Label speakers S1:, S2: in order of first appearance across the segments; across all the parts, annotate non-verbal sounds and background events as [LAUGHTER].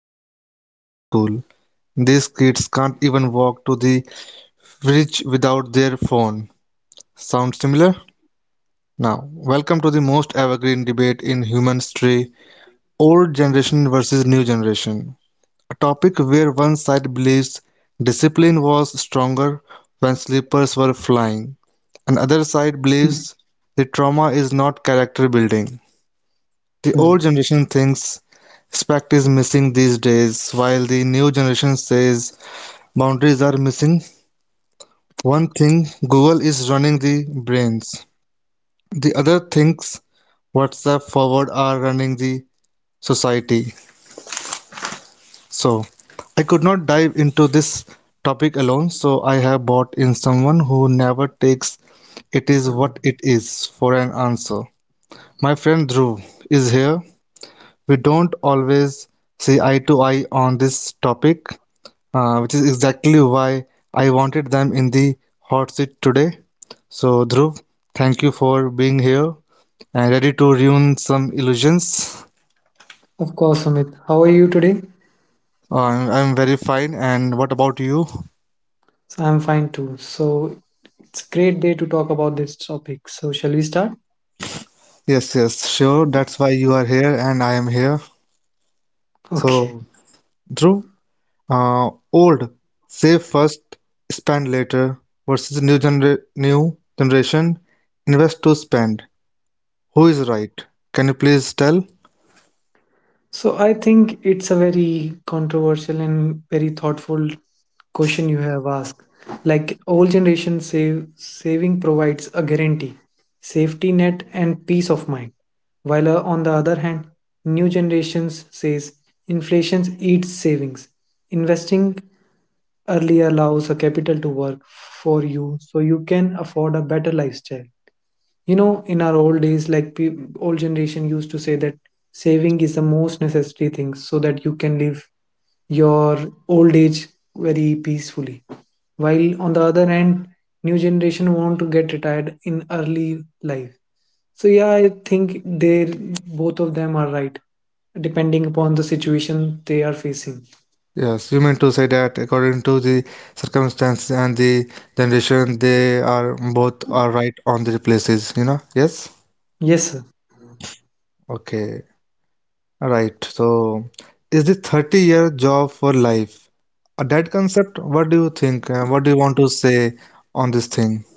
S1: 5 kilometers to school. These kids can't even walk to the fridge without their phone. Sound similar? Now, welcome to the most evergreen debate in human history: old generation versus new generation. A topic where one side believes discipline was stronger when sleepers were flying, and other side believes the trauma is not character building. The old generation thinks respect is missing these days, while the new generation says boundaries are missing. One thing Google is running the brains, the other thinks WhatsApp forward are running the society. So, I could not dive into this topic alone, so I have bought in someone who never takes it is what it is for an answer. My friend Dhruv is here. We don't always see eye to eye on this topic, which is exactly why I wanted them in the hot seat today. So, Dhruv, thank you for being here and ready to ruin some illusions.
S2: Of course, Amit. How are you today?
S1: I'm, very fine. And what about you?
S2: So I'm fine too. So it's a great day to talk about this topic. So shall we start? [LAUGHS]
S1: Yes, yes, sure. That's why you are here and I am here.
S2: Okay.
S1: So, Dhruv, old, save first, spend later versus new gener new generation, invest to spend. Who is right? Can you please tell?
S2: So I think it's a very controversial and very thoughtful question you have asked. Like old generation save saving provides a guarantee, safety net and peace of mind. While on the other hand, new generations says inflation eats savings. Investing early allows a capital to work for you so you can afford a better lifestyle in our old days like old generation used to say that saving is the most necessary thing so that you can live your old age very peacefully, while on the other hand new generation want to get retired in early life. So yeah, I think they, both of them are right depending upon the situation they are facing.
S1: Yes, you mean to say that according to the circumstance and the generation, they are both are right on their places, you know? Yes?
S2: Yes, sir.
S1: Okay. Right. So, is the 30-year job for life? That concept, what do you think? What do you want to say on this thing?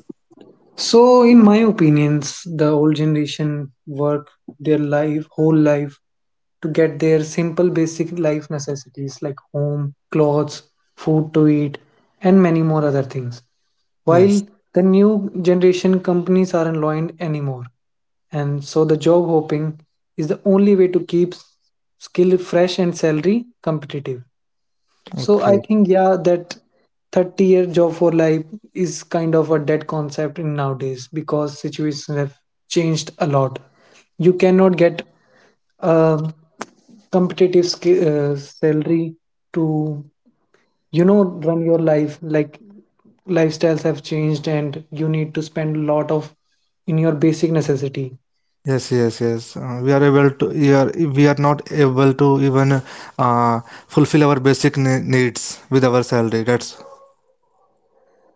S2: So, in my opinions, the old generation work their life, whole life, to get their simple basic life necessities like home, clothes, food to eat, and many more other things. While
S1: Yes.
S2: the new generation companies aren't loyal anymore, and so the job hopping is the only way to keep skill fresh and salary competitive. So I
S1: Okay.
S2: think yeah that 30-year job for life is kind of a dead concept in nowadays because situations have changed a lot. You cannot get a competitive salary to run your life. Like lifestyles have changed and you need to spend a lot of in your basic necessity.
S1: Yes, yes, yes. We are not able to even uh, fulfill our basic ne needs with our salary. That's...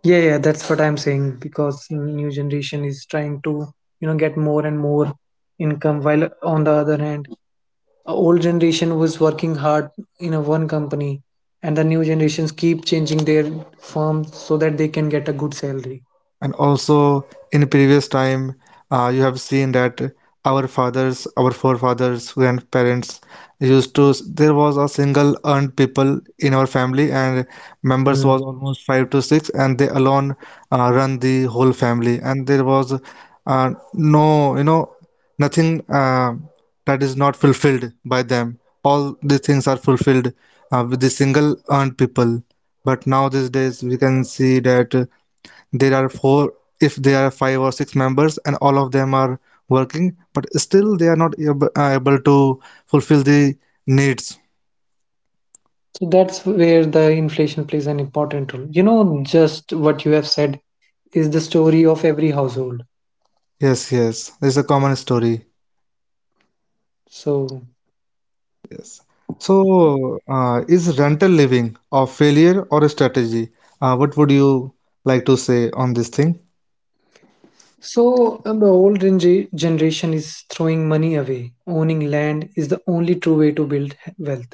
S2: Yeah, yeah, that's what I'm saying, because new generation is trying to, you know, get more and more income, while on the other hand a old generation was working hard in a one company, and the new generations keep changing their firm so that they can get a good salary.
S1: And also, in previous time, you have seen that our fathers, our forefathers, grandparents used to. There was a single earned people in our family, and members
S2: Hmm.
S1: was almost five to six, and they alone run the whole family. And there was no, you know, nothing that is not fulfilled by them. All these things are fulfilled with the single earned people. But now these days, we can see that there are four if there are five or six members and all of them are working, but still they are not able to fulfill the needs.
S2: So that's where the inflation plays an important role, you know. Just what you have said is the story of every household.
S1: Yes, yes, it's a common story.
S2: So
S1: Yes. So is rental living a failure or a strategy? What would you like to say on this thing?
S2: so the old generation is throwing money away. Owning land is the only true way to build wealth.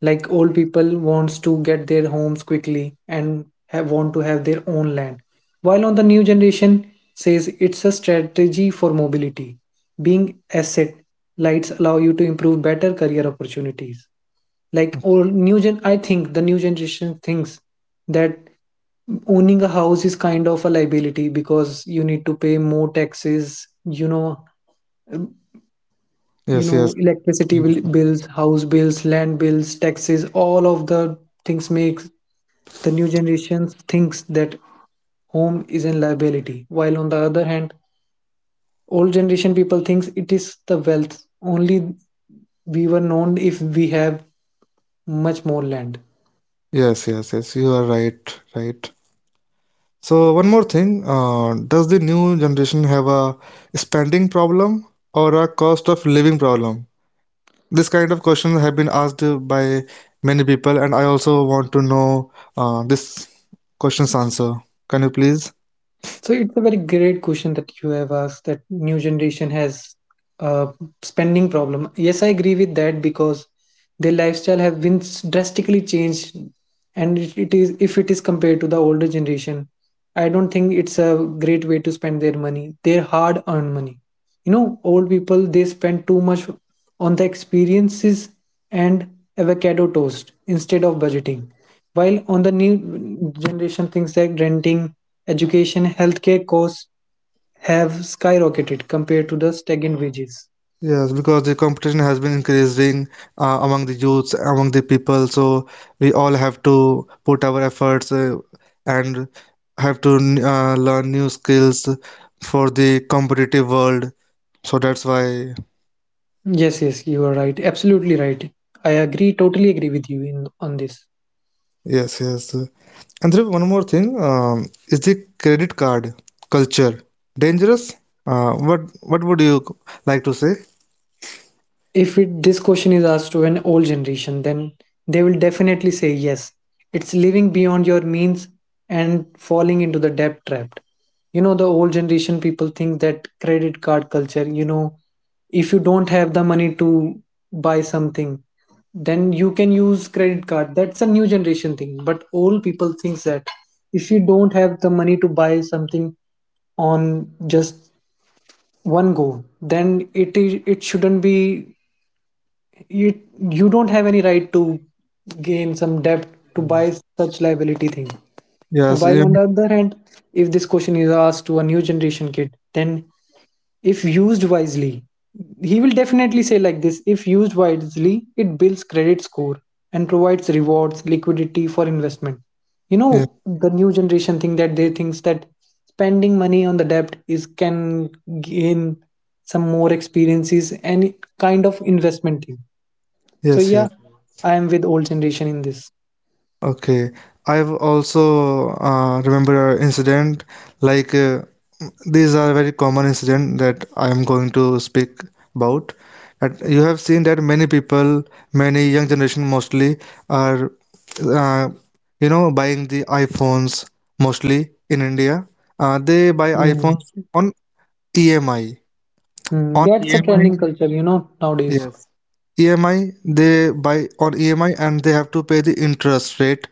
S2: Like old people wants to get their homes quickly and want to have their own land. While on the new generation says it's a strategy for mobility. Being asset lights allow you to improve better career opportunities. Like, or new gen, I think the new generation thinks that owning a house is kind of a liability because you need to pay more taxes, you know. You
S1: Yes,
S2: know,
S1: yes,
S2: electricity bills, house bills, land bills, taxes, all of the things make the new generation thinks that home is a liability, while on the other hand old generation people thinks it is the wealth only. We were known if we have much more land.
S1: yes, yes, yes, you are right. So one more thing, does the new generation have a spending problem or a cost of living problem? This kind of questions have been asked by many people, and I also want to know this question's answer. Can you please?
S2: So it's a very great question that you have asked, that new generation has a spending problem. Yes, I agree with that, because their lifestyle have been drastically changed, and it is, if it is compared to the older generation, I don't think it's a great way to spend their money, their hard earned money. You know, old people they spend too much on the experiences and avocado toast instead of budgeting. While on the new generation thinks that renting, education, healthcare costs have skyrocketed compared to the stagnant wages.
S1: Yes, because the competition has been increasing among the youths, among the people, so we all have to put our efforts and have to learn new skills for the competitive world. So that's why,
S2: Yes, yes, you are right. Absolutely right. I agree, totally agree with you in on this.
S1: yes, yes. And there is one more thing, is the credit card culture dangerous? What would you like to say?
S2: If it, this question is asked to an old generation, then they will definitely say yes. It's living beyond your means and falling into the debt trap. You know, the old generation people think that credit card culture, you know, if you don't have the money to buy something, then you can use credit card. That's a new generation thing. But old people thinks that if you don't have the money to buy something on just one go, then it is it shouldn't be you you don't have any right to gain some debt to buy such liability thing.
S1: Yes,
S2: While
S1: yeah,
S2: on the other hand, if this question is asked to a new generation kid, then if used wisely he will definitely say like this: if used wisely it builds credit score and provides rewards liquidity for investment. You know,
S1: yeah,
S2: the new generation thing that they thinks that spending money on the debt is can gain some more experiences and kind of investment thing. So
S1: yes, yes.
S2: yeah, I am with old generation in this.
S1: Okay, I've also remember an incident like these are very common incident that I am going to speak about. That you have seen that many people, many young generation mostly are uh, buying the iPhones mostly in India. They buy
S2: Hmm.
S1: iPhones on EMI.
S2: Hmm.
S1: On
S2: That's a trending
S1: EMI,
S2: culture, you know, nowadays.
S1: yes, EMI they buy on EMI and they have to pay the interest rate.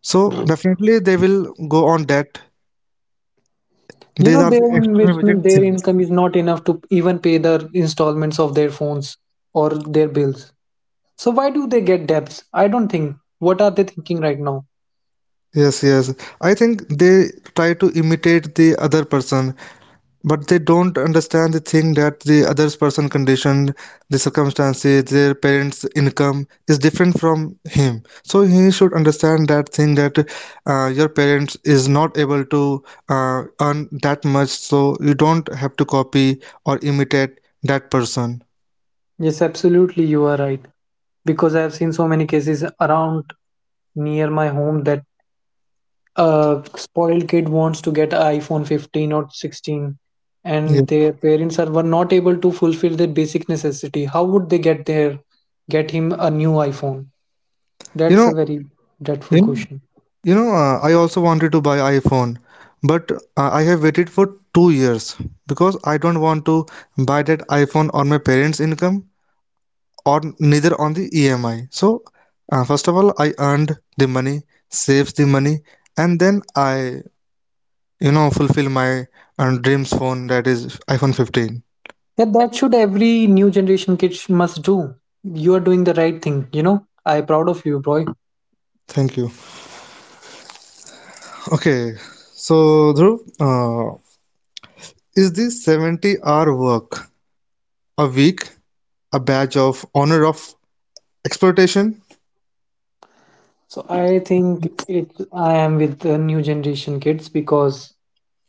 S1: So definitely they will go on debt.
S2: You
S1: These
S2: know,
S1: are the
S2: their investment,
S1: extravagant
S2: their
S1: things.
S2: income is not enough to even pay the installments of their phones or their bills. So why do they get debts? I don't think. What are they thinking right now?
S1: Yes, yes. I think they try to imitate the other person, but they don't understand the thing that the other person conditioned, the circumstances, their parents income is different from him, so he should understand that thing that your parents is not able to earn that much, so you don't have to copy or imitate that person.
S2: Yes, absolutely, you are right. Because I have seen so many cases around near my home that a spoiled kid wants to get an iPhone 15 or 16,
S1: Yes,
S2: and their parents are were not able to fulfill their basic necessity. How would they get their get him a new iPhone?
S1: you
S2: That's
S1: know
S2: a very dreadful
S1: you know,
S2: question.
S1: I also wanted to buy iPhone, but I have waited for 2 years because I don't want to buy that iPhone on my parents income or neither on the EMI. So first of all, I earned the money, saves the money, and then I fulfill my dreams phone, that is iPhone 15.
S2: Yeah, that should every new generation kid must do. You are doing the right thing, you know. I proud of you, boy.
S1: Thank you. Okay, so Dhruv, is this 70-hour work a week a badge of honor of exploitation?
S2: So I think it, I am with the new generation kids because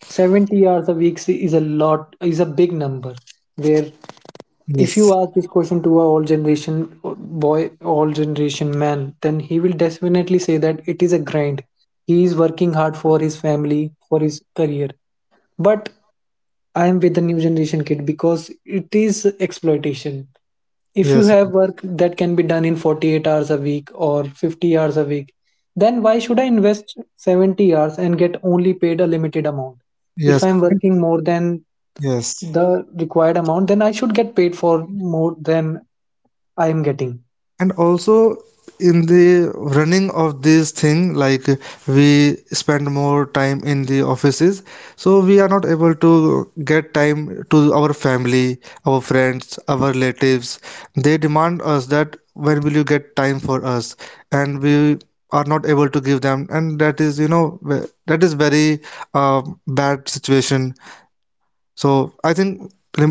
S2: 70 hours a week is a lot, is a big number. Where if you
S1: Yes.
S2: ask this question to a all generation boy, all generation man, then he will definitely say that it is a grind, he is working hard for his family, for his career. But I am with the new generation kid because it is exploitation. If you
S1: Yes.
S2: have work that can be done in 48 hours a week or 50 hours a week, then why should I invest 70 hours and get only paid a limited amount? If
S1: Yes.
S2: I'm working more than
S1: Yes.
S2: the required amount, then I should get paid for more than I am getting.
S1: And also, in the running of this thing, like, we spend more time in the offices, so we are not able to get time to our family, our friends, our relatives. They demand us that when will you get time for us, and we are not able to give them, and that is, you know, that is very uh, bad situation. So I think lim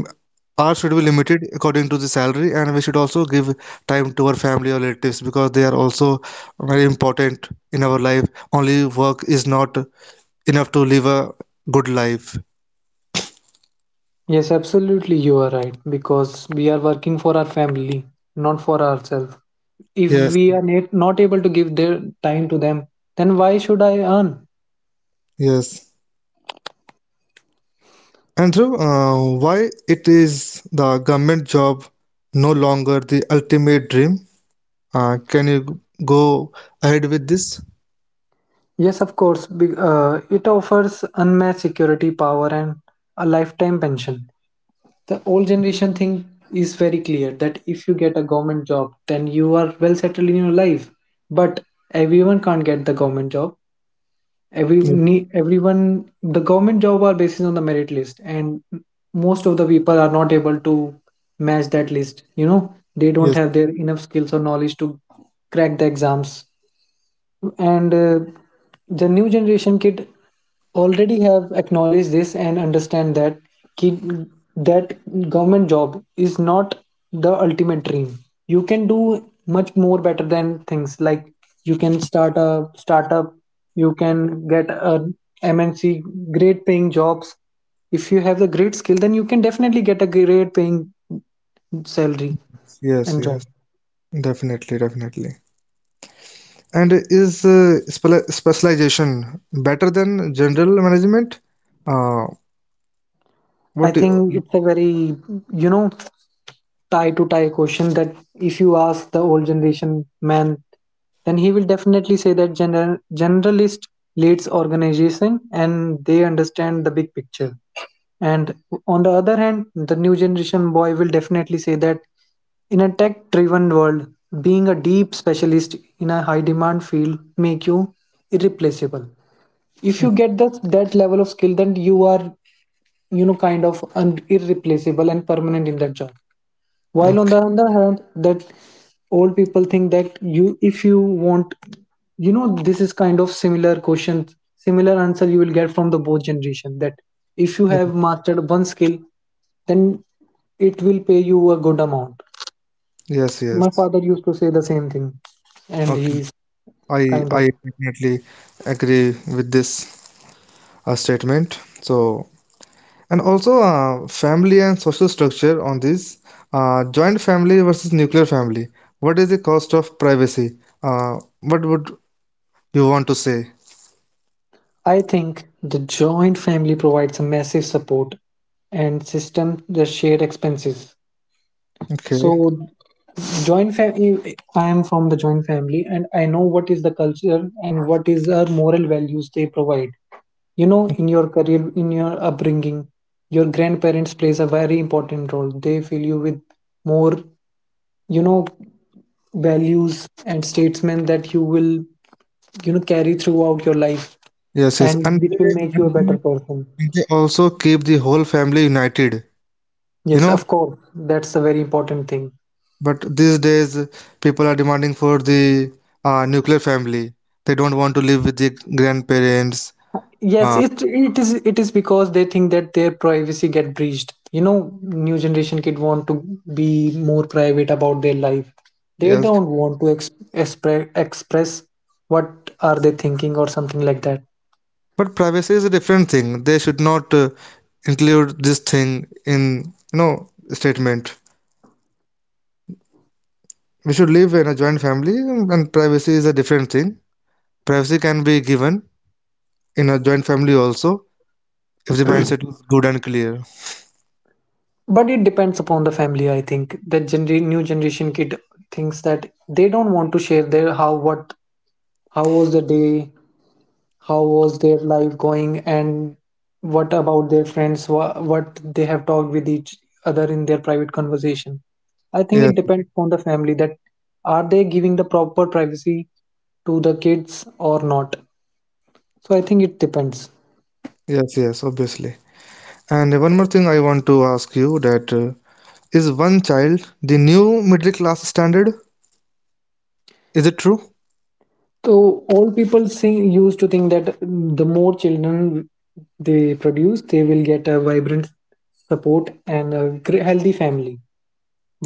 S1: hours should be limited according to the salary, and we should also give time to our family or relatives because they are also very important in our life. Only work is not enough to live a good life.
S2: Yes, absolutely, you are right. Because we are working for our family, not for ourselves. If
S1: Yes,
S2: we are not able to give their time to them, then why should I earn?
S1: yes. Andrew, why it is the government job no longer the ultimate dream? Can you go ahead with this?
S2: Yes, of course. It offers unmatched security, power, and a lifetime pension. The old generation thing is very clear that if you get a government job then you are well settled in your life. But everyone can't get the government job.
S1: Ye-
S2: Everyone, the government job are based on the merit list, and most of the people are not able to match that list. You know, they
S1: Yes,
S2: don't have their enough skills or knowledge to crack the exams. And the new generation kid already have acknowledged this and understand that kid, that government job is not the ultimate dream. You can do much more better than things like you can start a startup, you can get a mnc great paying jobs. If you have the great skill, then you can definitely get a great paying salary
S1: yes,
S2: and
S1: yes.
S2: job.
S1: Definitely, definitely. And is specialization better than general management? Uh, what
S2: I
S1: do
S2: think it's a very, you know, tie to tie question that if you ask the old generation man, then he will definitely say that general, generalist leads organization and they understand the big picture. And on the other hand, the new generation boy will definitely say that in a tech driven world, being a deep specialist in a high demand field make you irreplaceable. If
S1: you,
S2: you get that level of skill, then you are kind of irreplaceable and permanent in that job. While on
S1: okay.
S2: the other hand that old people think that you, if you want, you know this is kind of similar question, similar answer you will get from the both generation, that if you have mastered one skill then it will pay you a good amount.
S1: Yes, yes.
S2: My father used to say the same thing, and
S1: Okay.
S2: he's
S1: I
S2: kind
S1: I
S2: of
S1: definitely agree with this statement. So, and also family and social structure on this joint family versus nuclear family. What is the cost of privacy? What would you want to say?
S2: I think the joint family provides a massive support and system, the shared expenses. So
S1: Okay.
S2: joint family, I am from the joint family and I know what is the culture and what is our moral values they provide, you know, in your career, in your upbringing. Your grandparents plays a very important role. They fill you with more, you know, values and statements that you will, you know, carry throughout your life,
S1: Yes, yes.
S2: and which will make you
S1: And
S2: a
S1: they,
S2: better person.
S1: and they also keep the whole family united. You
S2: Yes,
S1: know,
S2: of course, that's a very important thing.
S1: but these days people are demanding for the nuclear family. They don't want to live with the grandparents.
S2: Yes,
S1: uh,
S2: it it is because they think that their privacy get breached. You know, new generation kid want to be more private about their life. They
S1: yes,
S2: don't want to express what are they thinking or something like that.
S1: but privacy is a different thing. They should not include this thing in, you know statement. We should live in a joint family, and privacy is a different thing. Privacy can be given in a joint family also if the mindset is good and clear.
S2: But it depends upon the family. I think that new generation kid thinks that they don't want to share their how what, how was the day, how was their life going, and what about their friends, what they have talked with each other in their private conversation. I think it
S1: Yes,
S2: depends on the family, that are they giving the proper privacy to the kids or not. So I think it depends.
S1: yes, yes, obviously. And one more thing I want to ask you that, is one child the new middle class standard? Is it true?
S2: So old people used to think that the more children they produce, they will get a vibrant support and a healthy family.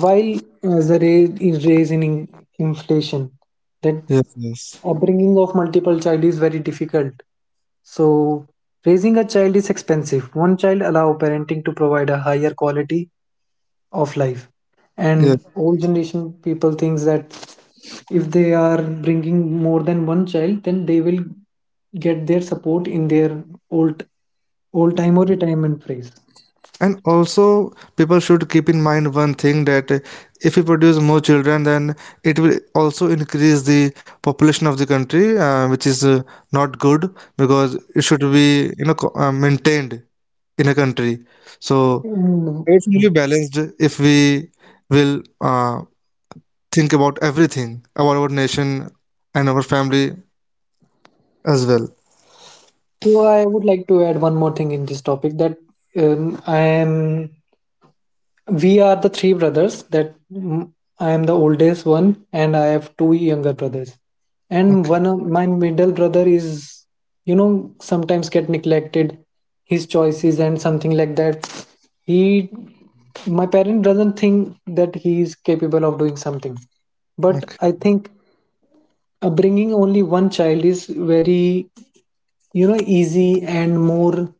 S2: While the raise in inflation, that
S1: Yes, yes,
S2: upbringing of multiple child is very difficult. So raising a child is expensive. One child allow parenting to provide a higher quality of life, and
S1: yes.
S2: old generation people thinks that if they are bringing more than one child, then they will get their support in their old old time or retirement phase.
S1: And also, people should keep in mind one thing, that if we produce more children, then it will also increase the population of the country, which is not good because it should be, maintained in a country. So
S2: Mm.
S1: everything will be balanced if we will think about everything about our nation and our family as well.
S2: So I would like to add one more thing in this topic, that I am. We are the three brothers. I am the oldest one, and I have two younger brothers. And
S1: Okay.
S2: one of my middle brother is, you know, sometimes get neglected, his choices and something like that. He, my parent doesn't think that he is capable of doing something, but
S1: Okay.
S2: I think bringing only one child is very, you know, easy and more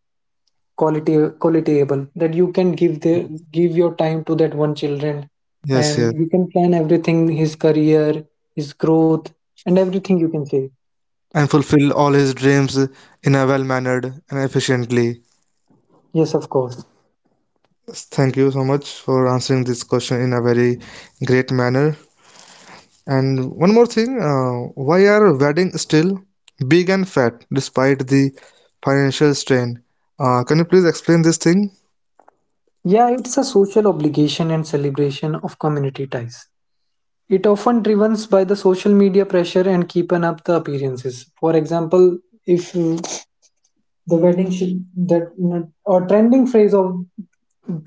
S2: quality, qualityable, that you can give the give your time to that one children,
S1: Yes,
S2: and
S1: yes.
S2: you can plan everything, his career, his growth, and everything, you can say.
S1: And fulfill all his dreams in a well-mannered and efficiently.
S2: Yes, of course.
S1: Yes, thank you so much for answering this question in a very great manner. And one more thing, why are weddings still big and fat despite the financial strain? Can you please explain this thing?
S2: Yeah, it's a social obligation and celebration of community ties. It often driven by the social media pressure and keeping up the appearances. For example, if the wedding should that, or trending phrase of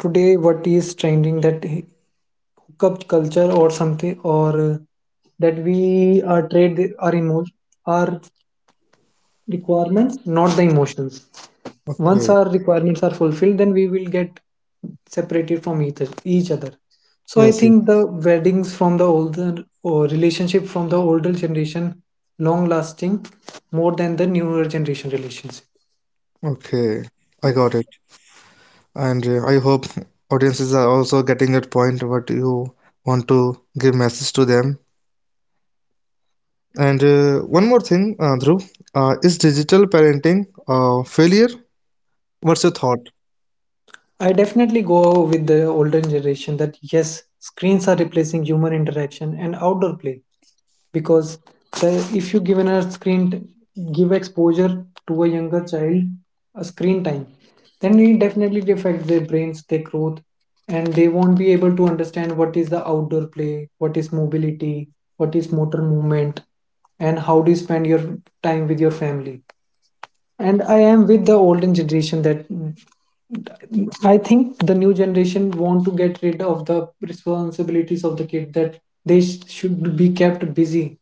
S2: today, what is trending, that cup culture or something, or that we are trade our requirements, not the emotions. Once
S1: Okay.
S2: our requirements are fulfilled, then we will get separated from each other. So I
S1: Yes, yes.
S2: think the weddings from the older, or relationship from the older generation, long lasting more than the newer generation relationship.
S1: Okay. I got it. And I hope audiences are also getting that point what you want to give message to them. And one more thing, Dhruv, is digital parenting failure? What's your thought?
S2: I definitely go with the older generation that yes, screens are replacing human interaction and outdoor play, because if you given a give exposure to a younger child a screen time, then it definitely affect their brains, their growth, and they won't be able to understand what is the outdoor play, what is mobility, what is motor movement, and how do you spend your time with your family. And I am with the olden generation that I think the new generation want to get rid of the responsibilities of the kid, that they should be kept busy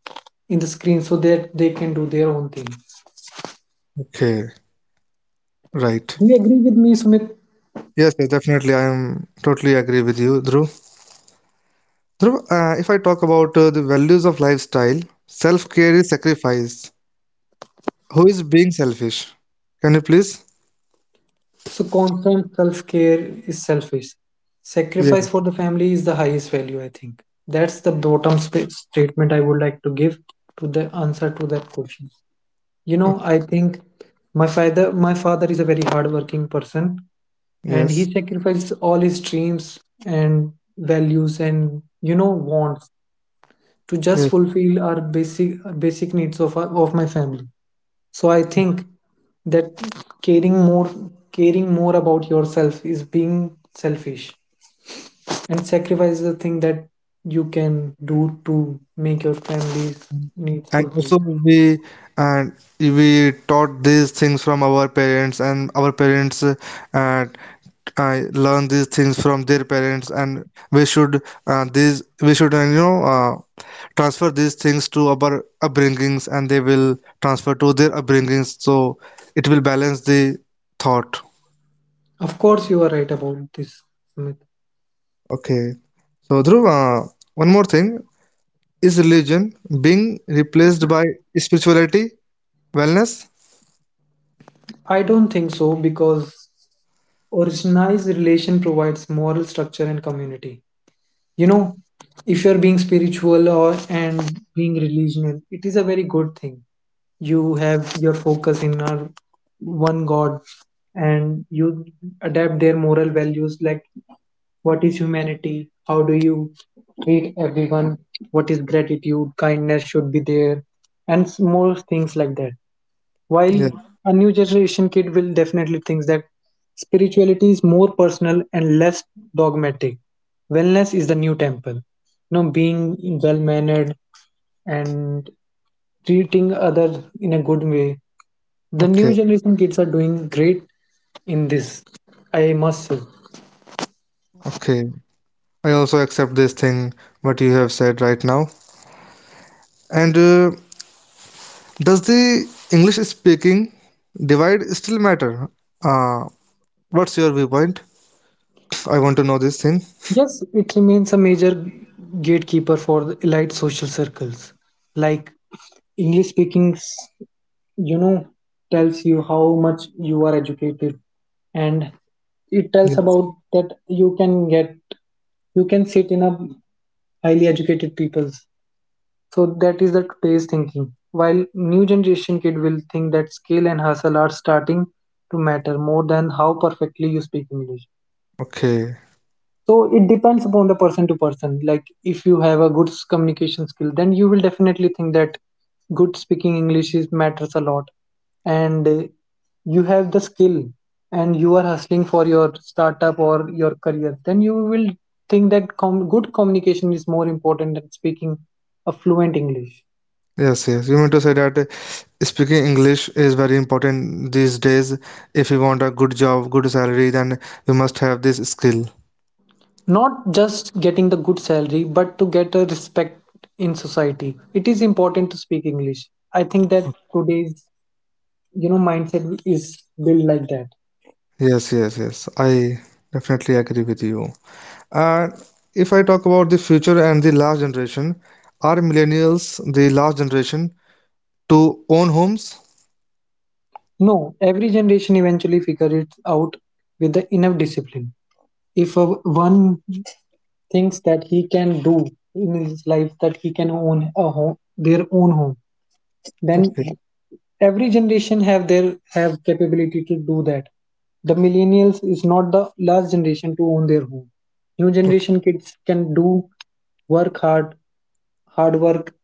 S2: in the screen so that they can do their own thing.
S1: Okay, right.
S2: Do you agree with me, Sumit?
S1: Yes, yes, definitely. I am totally agree with you, Dhruv. Dhruv, if I talk about the values of lifestyle, self-care is sacrifice. Who is being selfish? Can you please?
S2: So constant self-care is selfish.
S1: Yeah.
S2: Sacrifice for the family is the highest value, I think. That's the bottom statement I would like to give to the answer to that question. You know, I
S1: Okay.
S2: think my father is a very hardworking person, and he
S1: Yes.
S2: sacrifices all his dreams and values and, you know, wants to just
S1: Yes.
S2: fulfill our basic needs of our, of my family. So I think that caring more caring more about yourself is being selfish, and sacrifice is the thing that you can do to make your family's needs
S1: And
S2: fulfilled.
S1: also we, and we taught these things from our parents, and our parents, I learn these things from their parents, and we should, these we should you know transfer these things to our upbringings, and they will transfer to their upbringings. So it will balance the thought.
S2: Of course, you are right about this, Sumit.
S1: Okay. So Dhruv, uh, one more thing, is religion being replaced by spirituality, wellness?
S2: I don't think so, because organized relation provides moral structure and community. You know, if you're being spiritual, or and being religious, it is a very good thing. You have your focus in our one God, and you adapt their moral values, like what is humanity, how do you treat everyone, what is gratitude, kindness should be there, and more things like that. While
S1: Yeah.
S2: a new generation kid will definitely think that spirituality is more personal and less dogmatic. Wellness is the new temple. You know, being well mannered and treating others in a good way. The new
S1: Okay.
S2: generation kids are doing great in this, I must say.
S1: Okay. I also accept this thing what you have said right now. And does the English speaking divide still matter? Uh, what's your viewpoint? I want to know this thing.
S2: Yes, it remains a major gatekeeper for the elite social circles. Like English speaking, you know, tells you how much you are educated, and it tells
S1: Yes.
S2: about that you can get, you can sit in a highly educated people's. So that is the today's thinking, while new generation kid will think that skill and hustle are starting to matter more than how perfectly you speak English.
S1: Okay.
S2: So it depends upon the person to person. Like if you have a good communication skill, then you will definitely think that good speaking English is matters a lot. And you have the skill, and you are hustling for your startup or your career, then you will think that good communication is more important than speaking a fluent English.
S1: Yes, yes. You mean to say that speaking English is very important these days. If you want a good job, good salary, then you must have this skill.
S2: Not just getting the good salary, but to get a respect in society, it is important to speak English. I think that today's, you know, mindset is built like that.
S1: Yes, yes, yes. I definitely agree with you. And if I talk about the future and the last generation, are millennials the last generation to own homes?
S2: No, every generation eventually figure it out with the enough discipline. If a, one thinks that he can do in his life that he can own a home, their own home, then
S1: Okay.
S2: every generation have their, have capability to do that. The millennials is not the last generation to own their home. New generation kids can do work hard hard work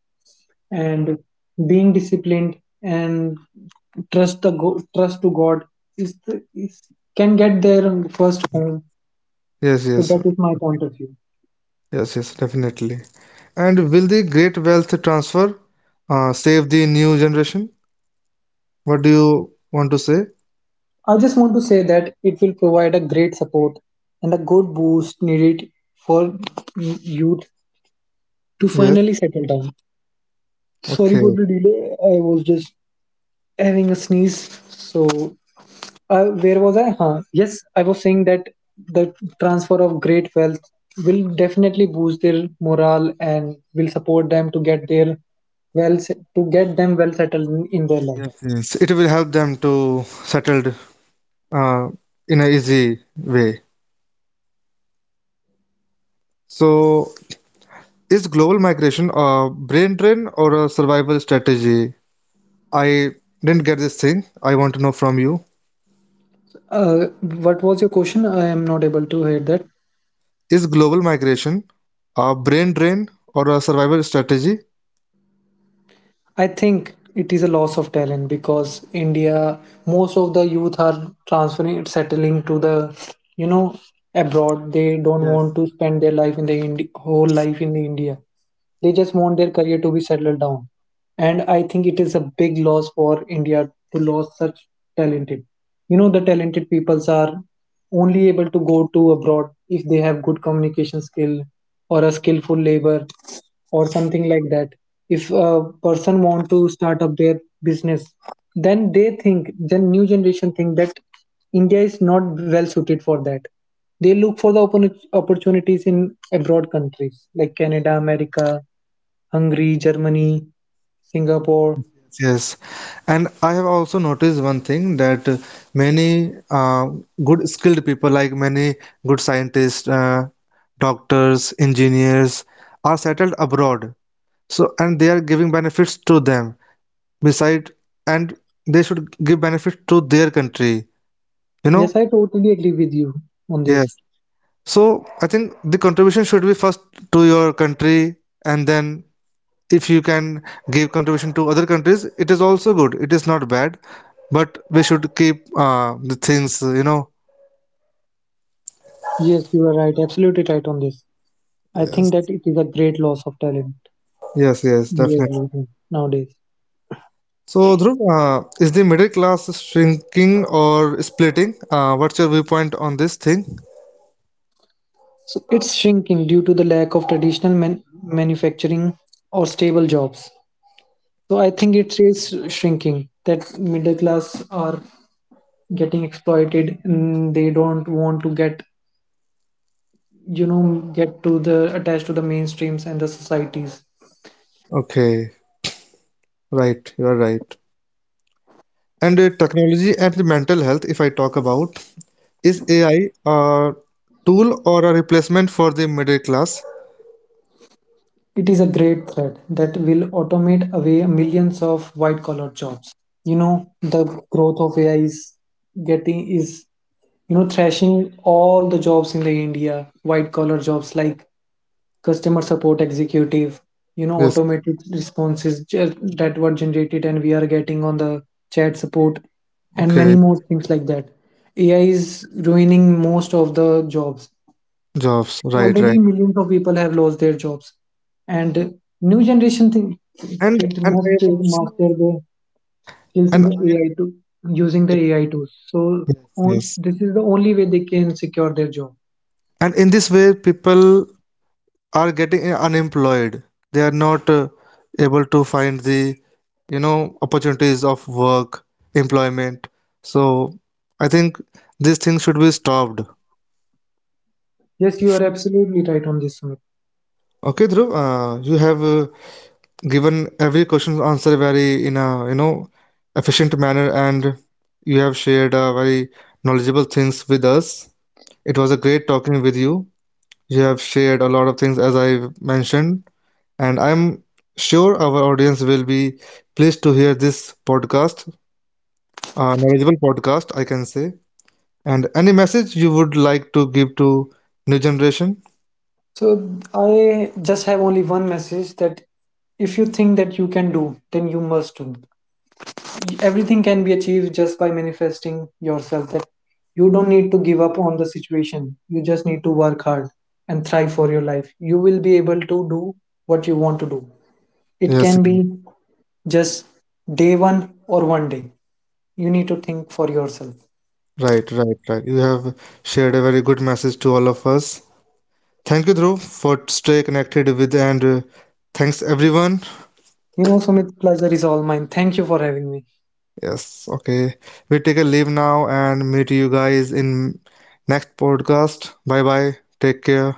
S2: and being disciplined, and trust to God, is the, is can get their first home.
S1: Yes,
S2: So
S1: yes.
S2: that is my point of view.
S1: Yes, yes, definitely. And will the great wealth transfer save the new generation? What do you want to say?
S2: I just want to say that it will provide a great support and a good boost needed for youth to
S1: Yes.
S2: finally settle down. Sorry for
S1: Okay.
S2: the delay. I was just having a sneeze, so where was I? Huh. Yes, I was saying that the transfer of great wealth will definitely boost their morale and will support them to get their to get them well settled in their life.
S1: Yes, yes. It will help them to settled uh, in a easy way. So, is global migration a brain drain or a survival strategy? I didn't get this thing. I want to know from you.
S2: What was your question? I am not able to hear that.
S1: Is global migration a brain drain or a survival strategy?
S2: I think it is a loss of talent, because India, most of the youth are transferring, settling to the, you know, abroad. They don't want
S1: Yes.
S2: to spend their life in the whole life in the India. They just want their career to be settled down, and I think it is a big loss for India to lose such talented. You know, the talented peoples are only able to go to abroad if they have good communication skill, or a skillful labor or something like that. If a person want to start up their business, then they think, then new generation think that India is not well suited for that. They look for the opportunities in abroad countries like Canada, America, Hungary, Germany, Singapore.
S1: Yes, and I have also noticed one thing that, many good skilled people, like many good scientists, doctors, engineers, are settled abroad. So, and they are giving benefits to them. Beside, and they should give benefits to their country. You
S2: Yes,
S1: know?
S2: I totally agree with you on this.
S1: Yes. So, I think the contribution should be first to your country, and then if you can give contribution to other countries, it is also good, it is not bad, but we should keep the things, you know.
S2: Yes, you are right, absolutely right on this. I think that
S1: Yes,
S2: it is a great loss of talent.
S1: yes, yes,
S2: India's
S1: definitely.
S2: losing nowadays.
S1: So Dhruv, is the middle class shrinking or splitting? What's your viewpoint on this thing?
S2: So it's shrinking due to the lack of traditional manufacturing or stable jobs. So I think it is shrinking, that middle class are getting exploited, and they don't want to get, you know, get to the attached to the mainstreams and the societies.
S1: Okay, right, you are right. And technology and the mental health, if I talk about, is AI a tool or a replacement for the middle class?
S2: It is a great threat that will automate away millions of white collar jobs. You know, the growth of AI is getting is you know thrashing all the jobs in the India, white collar jobs like customer support executive, you know,
S1: Yes.
S2: automated responses that were generated and we are getting on the chat support and many
S1: Okay.
S2: more things like that. AI is ruining most of the jobs.
S1: Jobs, right
S2: Already
S1: right
S2: millions of people have lost their jobs. And new generation think
S1: and
S2: kids
S1: and I
S2: must
S1: have also,
S2: master their skills in
S1: and...
S2: the AI to using the
S1: Yes,
S2: AI tools. So
S1: yes,
S2: on,
S1: yes.
S2: this is the only way they can secure their job.
S1: And in this way, people are getting unemployed. They are not able to find the, you know, opportunities of work, employment. So I think these things should be stopped.
S2: Yes, you are absolutely right on this, Sumit.
S1: Okay, Dhruv, you have given every question's answer very in a, you know, efficient manner, and you have shared very knowledgeable things with us. It was a great talking with you. You have shared a lot of things as I mentioned. And I'm sure our audience will be pleased to hear this podcast, a knowledgeable podcast, I can say. And any message you would like to give to new generation?
S2: So I just have only one message, that if you think that you can do, then you must do. Everything can be achieved just by manifesting yourself, that you don't need to give up on the situation, you just need to work hard and thrive for your life. You will be able to do what you want to do. It
S1: Yes,
S2: can be just day one or one day. You need to think for yourself.
S1: right, right, right. You have shared a very good message to all of us. Thank you, Dhruv, for stay connected with, and thanks everyone.
S2: You know, Sumit, pleasure is all mine. Thank you for having me.
S1: Yes, okay. We take a leave now and meet you guys in next podcast. Bye bye. Take care.